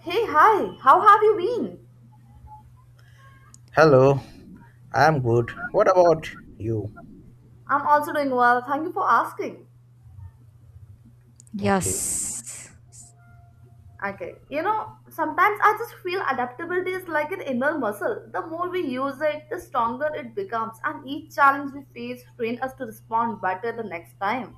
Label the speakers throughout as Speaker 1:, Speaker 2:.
Speaker 1: Hey, hi, how have you been?
Speaker 2: Hello, I'm good. What about you?
Speaker 1: I'm also doing well, thank you for asking.
Speaker 2: Okay.
Speaker 3: Yes.
Speaker 1: Okay, you know, sometimes I just feel adaptability is like an inner muscle. The more we use it, the stronger it becomes, and each challenge we face train us to respond better the next time.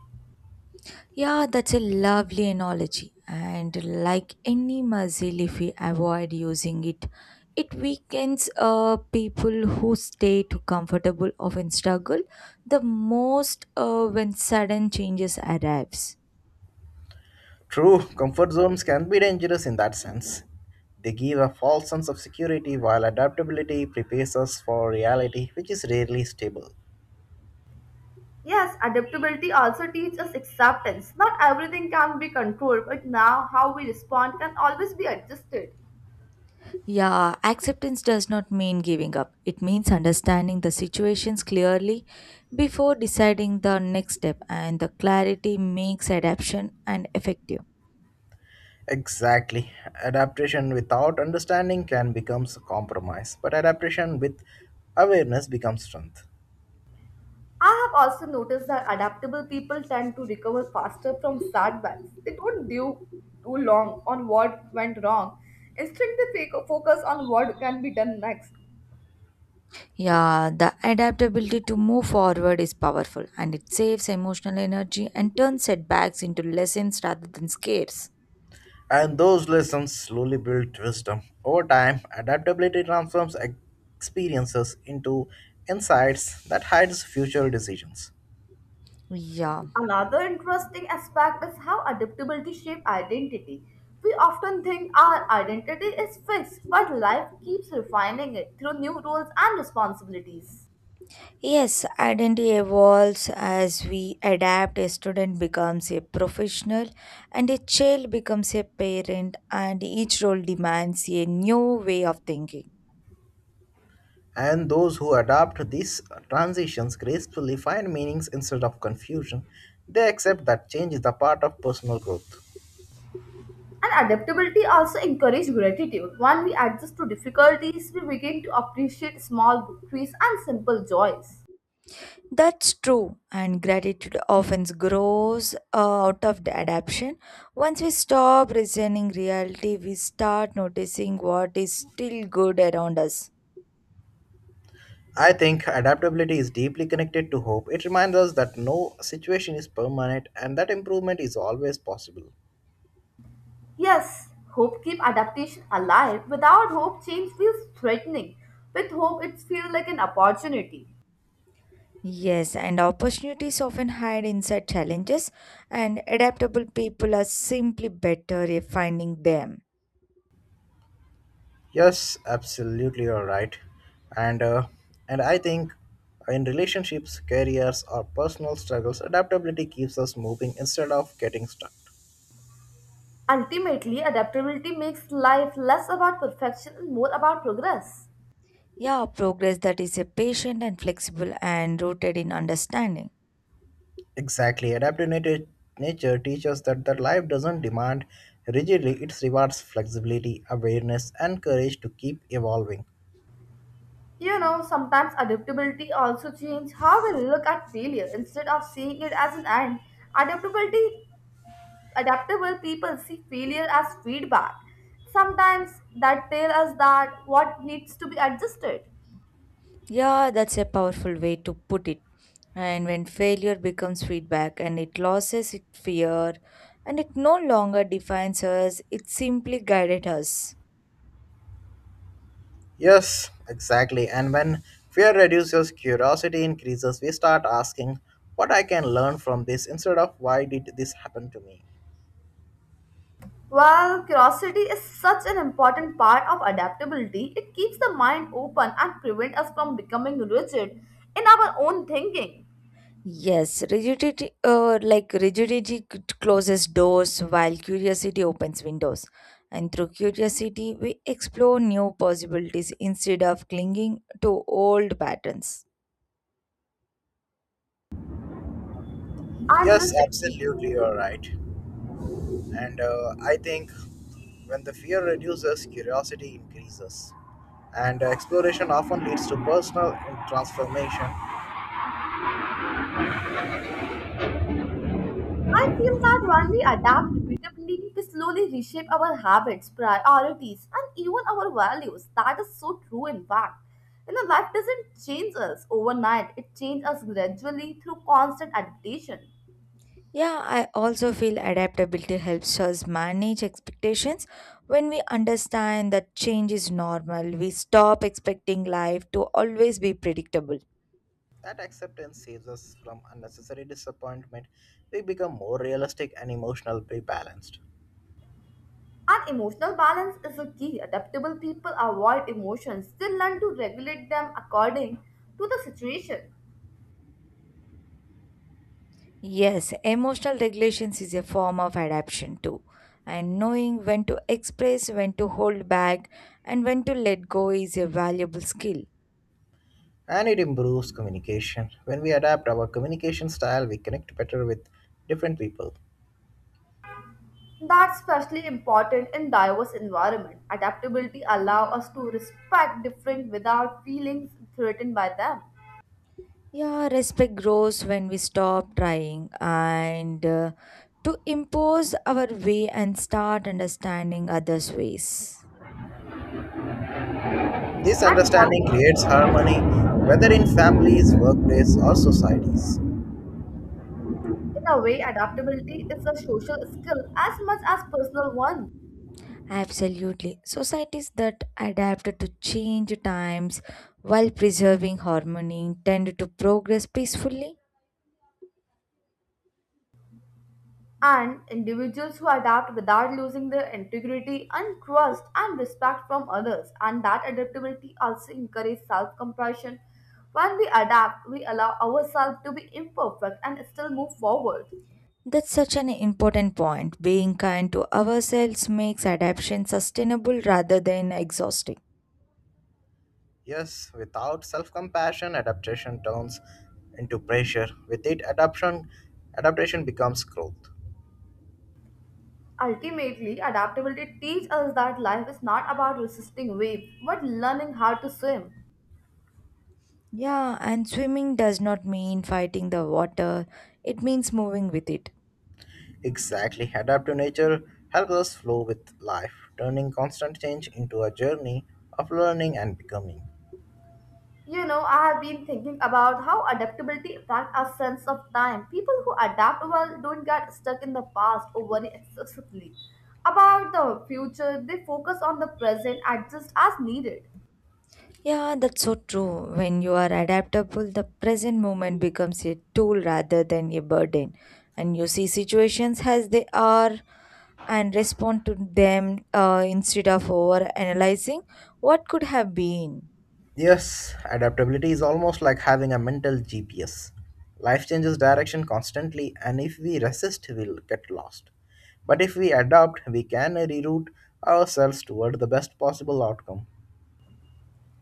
Speaker 3: Yeah, that's a lovely analogy. And like any muscle, if we avoid using it, it weakens. People who stay too comfortable often struggle the most when sudden changes arrives.
Speaker 2: True, comfort zones can be dangerous in that sense. They give a false sense of security while adaptability prepares us for reality, which is rarely stable.
Speaker 1: Yes, adaptability also teaches us acceptance. Not everything can be controlled, but now how we respond can always be adjusted.
Speaker 3: Yeah, acceptance does not mean giving up. It means understanding the situations clearly before deciding the next step, and the clarity makes adaptation and effective.
Speaker 2: Exactly. Adaptation without understanding can become a compromise, but adaptation with awareness becomes strength.
Speaker 1: I have also noticed that adaptable people tend to recover faster from setbacks. They don't dwell too long on what went wrong. Instead, they focus on what can be done next.
Speaker 3: Yeah, the adaptability to move forward is powerful and it saves emotional energy and turns setbacks into lessons rather than scares.
Speaker 2: And those lessons slowly build wisdom. Over time, adaptability transforms experiences into insights that hides future decisions.
Speaker 3: Yeah.
Speaker 1: Another interesting aspect is how adaptability shapes identity. We often think our identity is fixed, but life keeps refining it through new roles and responsibilities.
Speaker 3: Yes, identity evolves as we adapt. A student becomes a professional, and a child becomes a parent, and each role demands a new way of thinking.
Speaker 2: And those who adapt these transitions gracefully find meanings instead of confusion. They accept that change is the part of personal growth.
Speaker 1: And adaptability also encourages gratitude. When we adjust to difficulties, we begin to appreciate small victories and simple joys.
Speaker 3: That's true, and gratitude often grows out of the adaption. Once we stop resenting reality, we start noticing what is still good around us.
Speaker 2: I think adaptability is deeply connected to hope. It reminds us that no situation is permanent and that improvement is always possible.
Speaker 1: Yes, hope keeps adaptation alive. Without hope, change feels threatening. With hope, it feels like an opportunity.
Speaker 3: Yes, and opportunities often hide inside challenges, and adaptable people are simply better at finding them.
Speaker 2: Yes, absolutely, you're right. And uh, and I think in relationships, careers, or personal struggles, adaptability keeps us moving instead of getting stuck.
Speaker 1: Ultimately, adaptability makes life less about perfection and more about progress.
Speaker 3: Yeah, progress that is a patient and flexible and rooted in understanding.
Speaker 2: Exactly, nature teaches that life doesn't demand rigidly; it rewards flexibility, awareness, and courage to keep evolving.
Speaker 1: You know, sometimes adaptability also changes how we look at failure. Instead of seeing it as an end, adaptability adaptable people see failure as feedback. Sometimes that tell us that what needs to be adjusted.
Speaker 3: Yeah, that's a powerful way to put it. And when failure becomes feedback and it loses its fear and it no longer defines us, it simply guided us.
Speaker 2: Yes, exactly. And when fear reduces, curiosity increases. We start asking, "What I can learn from this?" instead of "Why did this happen to me?"
Speaker 1: While curiosity is such an important part of adaptability, it keeps the mind open and prevents us from becoming rigid in our own thinking.
Speaker 3: Yes, rigidity, like rigidity closes doors while curiosity opens windows. And through curiosity, we explore new possibilities instead of clinging to old patterns.
Speaker 1: And
Speaker 2: Yes,
Speaker 1: this
Speaker 2: absolutely, you're right. And I think when the fear reduces, curiosity increases. And Exploration often leads to personal transformation.
Speaker 1: I feel that when we adapt repeatedly, we slowly reshape our habits, priorities, and even our values. That is so true, in fact. You know, life doesn't change us overnight, it changes us gradually through constant adaptation.
Speaker 3: Yeah, I also feel adaptability helps us manage expectations. When we understand that change is normal, we stop expecting life to always be predictable.
Speaker 2: That acceptance saves us from unnecessary disappointment. We become more realistic and emotionally balanced.
Speaker 1: And emotional balance is a key. Adaptable people avoid emotions, they learn to regulate them according to the situation.
Speaker 3: Yes, emotional regulations is a form of adaptation too. And knowing when to express, when to hold back, and when to let go is a valuable skill.
Speaker 2: And it improves communication. When we adapt our communication style, we connect better with different people.
Speaker 1: That's especially important in diverse environment. Adaptability allows us to respect different without feeling threatened by them.
Speaker 3: Yeah, respect grows when we stop trying and to impose our way and start understanding others' ways.
Speaker 2: This
Speaker 1: And that,
Speaker 2: understanding creates harmony, whether in families, workplace, or societies.
Speaker 1: in a way, adaptability is a social skill as much as personal one.
Speaker 3: Absolutely. Societies that adapt to change times while preserving harmony tend to progress peacefully.
Speaker 1: And individuals who adapt without losing their integrity and trust and respect from others. And that adaptability also encourages self compassion. When we adapt, we allow ourselves to be imperfect and still move forward.
Speaker 3: That's such an important point. Being kind to ourselves makes adaptation sustainable rather than exhausting.
Speaker 2: Yes, without self compassion, adaptation turns into pressure. With it, adaptation becomes growth.
Speaker 1: Ultimately, adaptability teaches us that life is not about resisting waves, but learning how to swim.
Speaker 3: Yeah, and swimming does not mean fighting the water, it means moving with it.
Speaker 2: Exactly. Adapt to nature helps us flow with life, turning constant change into a journey of learning and becoming.
Speaker 1: You know, I have been thinking about how adaptability affects our sense of time. People who adapt well don't get stuck in the past or worry excessively about the future. They focus on the present, adjust as needed.
Speaker 3: Yeah, that's so true. When you are adaptable, the present moment becomes a tool rather than a burden. And you see situations as they are and respond to them, instead of over analyzing what could have been.
Speaker 2: Yes, adaptability is almost like having a mental GPS. Life changes direction constantly, and if we resist, we'll get lost. But if we adapt, we can reroute ourselves toward the best possible outcome.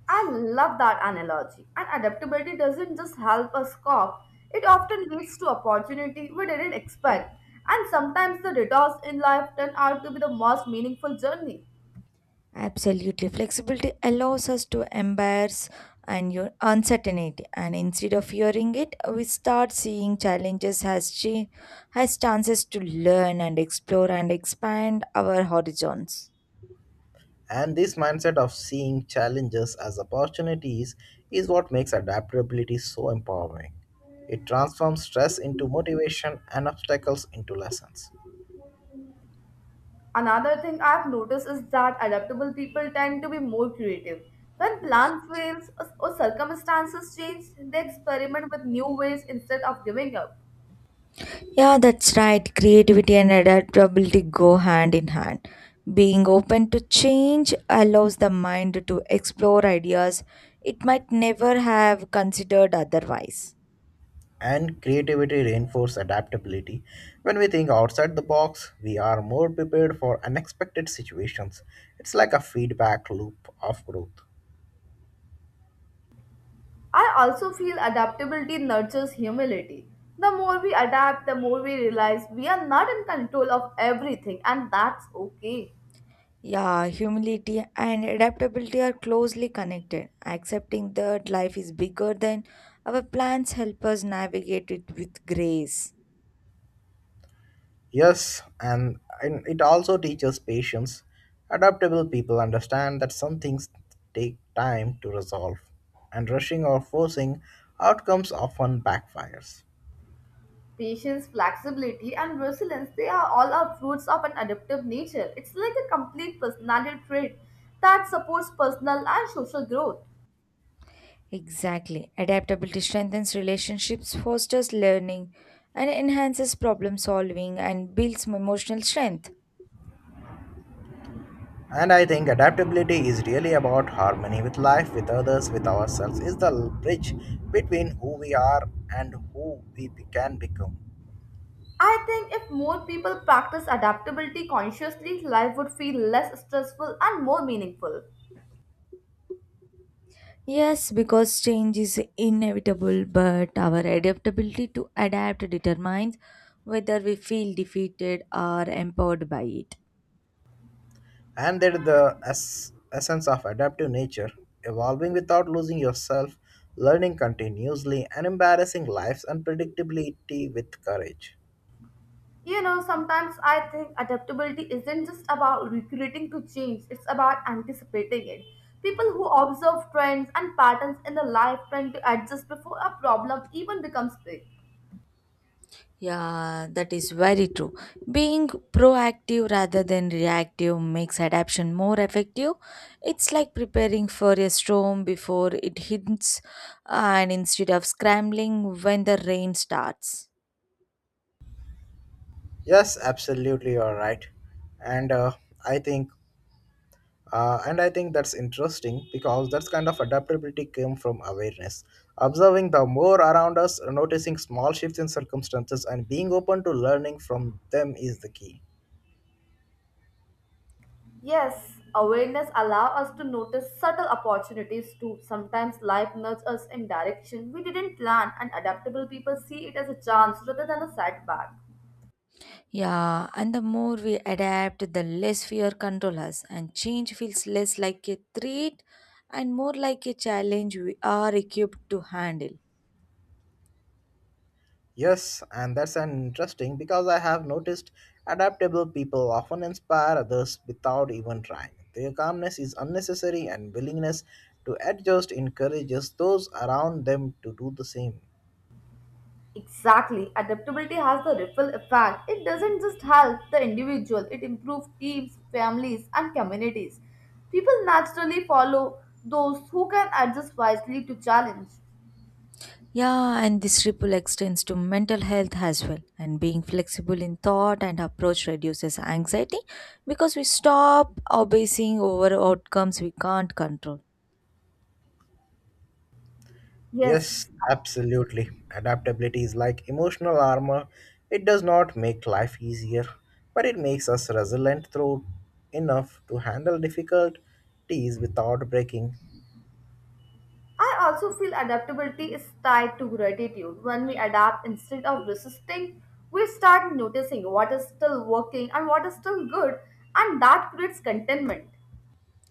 Speaker 1: I love that analogy. And adaptability doesn't just help us cope; it often leads to opportunity we didn't expect. And sometimes the detours in life turn out to be the most meaningful journey.
Speaker 3: Absolutely. Flexibility allows us to embrace and your uncertainty, and instead of fearing it we start seeing challenges as she has chances to learn and explore and expand our horizons.
Speaker 2: And this mindset of seeing challenges as opportunities is what makes adaptability so empowering. It transforms stress into motivation and obstacles into lessons.
Speaker 1: Another thing I've noticed is that adaptable people tend to be more creative. When plan fails or circumstances change, they experiment with new ways instead of giving up.
Speaker 3: Yeah, that's right. Creativity and adaptability go hand in hand. Being open to change allows the mind to explore ideas it might never have considered otherwise.
Speaker 2: And creativity reinforces adaptability. When we think outside the box, we are more prepared for unexpected situations. It's like a feedback loop of growth.
Speaker 1: I also feel adaptability nurtures humility. The more we adapt, the more we realize we are not in control of everything, and that's okay.
Speaker 3: Yeah, humility and adaptability are closely connected. Accepting that life is bigger than our plans help us navigate it with grace.
Speaker 2: Yes, and it also teaches patience. Adaptable people understand that some things take time to resolve, and rushing or forcing outcomes often backfires.
Speaker 1: Patience, flexibility, and resilience, they are all our fruits of an adaptive nature. It's like a complete personality trait that supports personal and social growth.
Speaker 3: Exactly. Adaptability strengthens relationships, fosters learning, and enhances problem solving and builds emotional strength.
Speaker 2: And I think adaptability is really about harmony with life, with others, with ourselves, is the bridge between who we are and who we can become.
Speaker 1: I think if more people practice adaptability consciously, life would feel less stressful and more meaningful.
Speaker 3: Yes, because change is inevitable, but our adaptability to adapt determines whether we feel defeated or empowered by it.
Speaker 2: And that the essence of adaptive nature, evolving without losing yourself, learning continuously, and embarrassing life's unpredictability with courage.
Speaker 1: You know, sometimes I think adaptability isn't just about recreating to change, it's about anticipating it. People who observe trends and patterns in the life tend to adjust before a problem even becomes big.
Speaker 3: Yeah, that is very true. Being proactive rather than reactive makes adaptation more effective. It's like preparing for a storm before it hits, and instead of scrambling when the rain starts.
Speaker 2: Yes, absolutely, you're right, and uh, I think. and I think that's interesting because that kind of adaptability came from awareness. Observing the more around us, noticing small shifts in circumstances, and being open to learning from them is the key.
Speaker 1: Yes, awareness allows us to notice subtle opportunities too. Sometimes life nudges us in direction we didn't plan and adaptable people see it as a chance rather than a setback.
Speaker 3: Yeah, and the more we adapt, the less fear control us, and change feels less like a threat and more like a challenge we are equipped to handle.
Speaker 2: Yes, and that's an interesting because I have noticed adaptable people often inspire others without even trying. Their calmness is unnecessary and willingness to adjust encourages those around them to do the same.
Speaker 1: Exactly. Adaptability has the ripple effect. It doesn't just help the individual, it improves teams, families, and communities. People naturally follow those who can adjust wisely to challenge.
Speaker 3: Yeah, and this ripple extends to mental health as well. And being flexible in thought and approach reduces anxiety because we stop obsessing over outcomes we can't control.
Speaker 2: Yes,
Speaker 1: Yes.
Speaker 2: absolutely. Adaptability is like emotional armor. It does not make life easier, but it makes us resilient through enough to handle difficulties without breaking.
Speaker 1: I also feel adaptability is tied to gratitude. When we adapt instead of resisting, we start noticing what is still working and what is still good, and that creates contentment.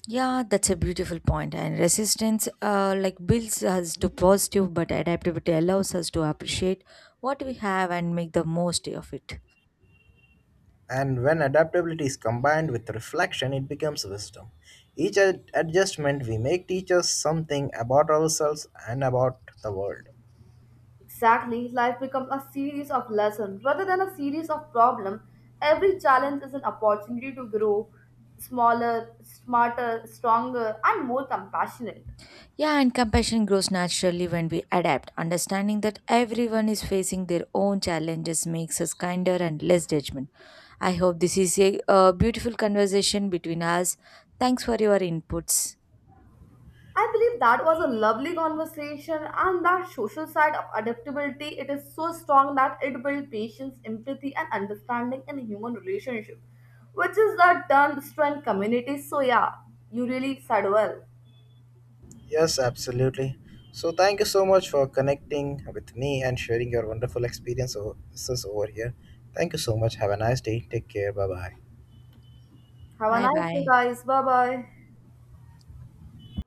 Speaker 3: Yeah, that's a beautiful point. And resistance, like builds us to positive, but adaptability allows us to appreciate what we have and make the most of it.
Speaker 2: And when adaptability is combined with reflection, it becomes wisdom. Each adjustment we make teaches something about ourselves and about the world.
Speaker 1: Exactly, life becomes a series of lessons rather than a series of problems. Every challenge is an opportunity to grow smaller, smarter, stronger, and more compassionate.
Speaker 3: Yeah, and compassion grows naturally when we adapt. Understanding that everyone is facing their own challenges makes us kinder and less judgment. I hope this is a beautiful conversation between us. Thanks for your inputs.
Speaker 1: I believe that was a lovely conversation, and that social side of adaptability it is so strong that it builds patience, empathy, and understanding in human relationship, which is the turn strength community. So yeah, you really said well.
Speaker 2: Yes, absolutely. So, thank you so much for connecting with me and sharing your wonderful experiences over here. Thank you so much. Have a nice day. Take care. Bye bye.
Speaker 1: Have a
Speaker 3: Bye
Speaker 1: nice day,
Speaker 3: bye.
Speaker 1: guys. Bye bye.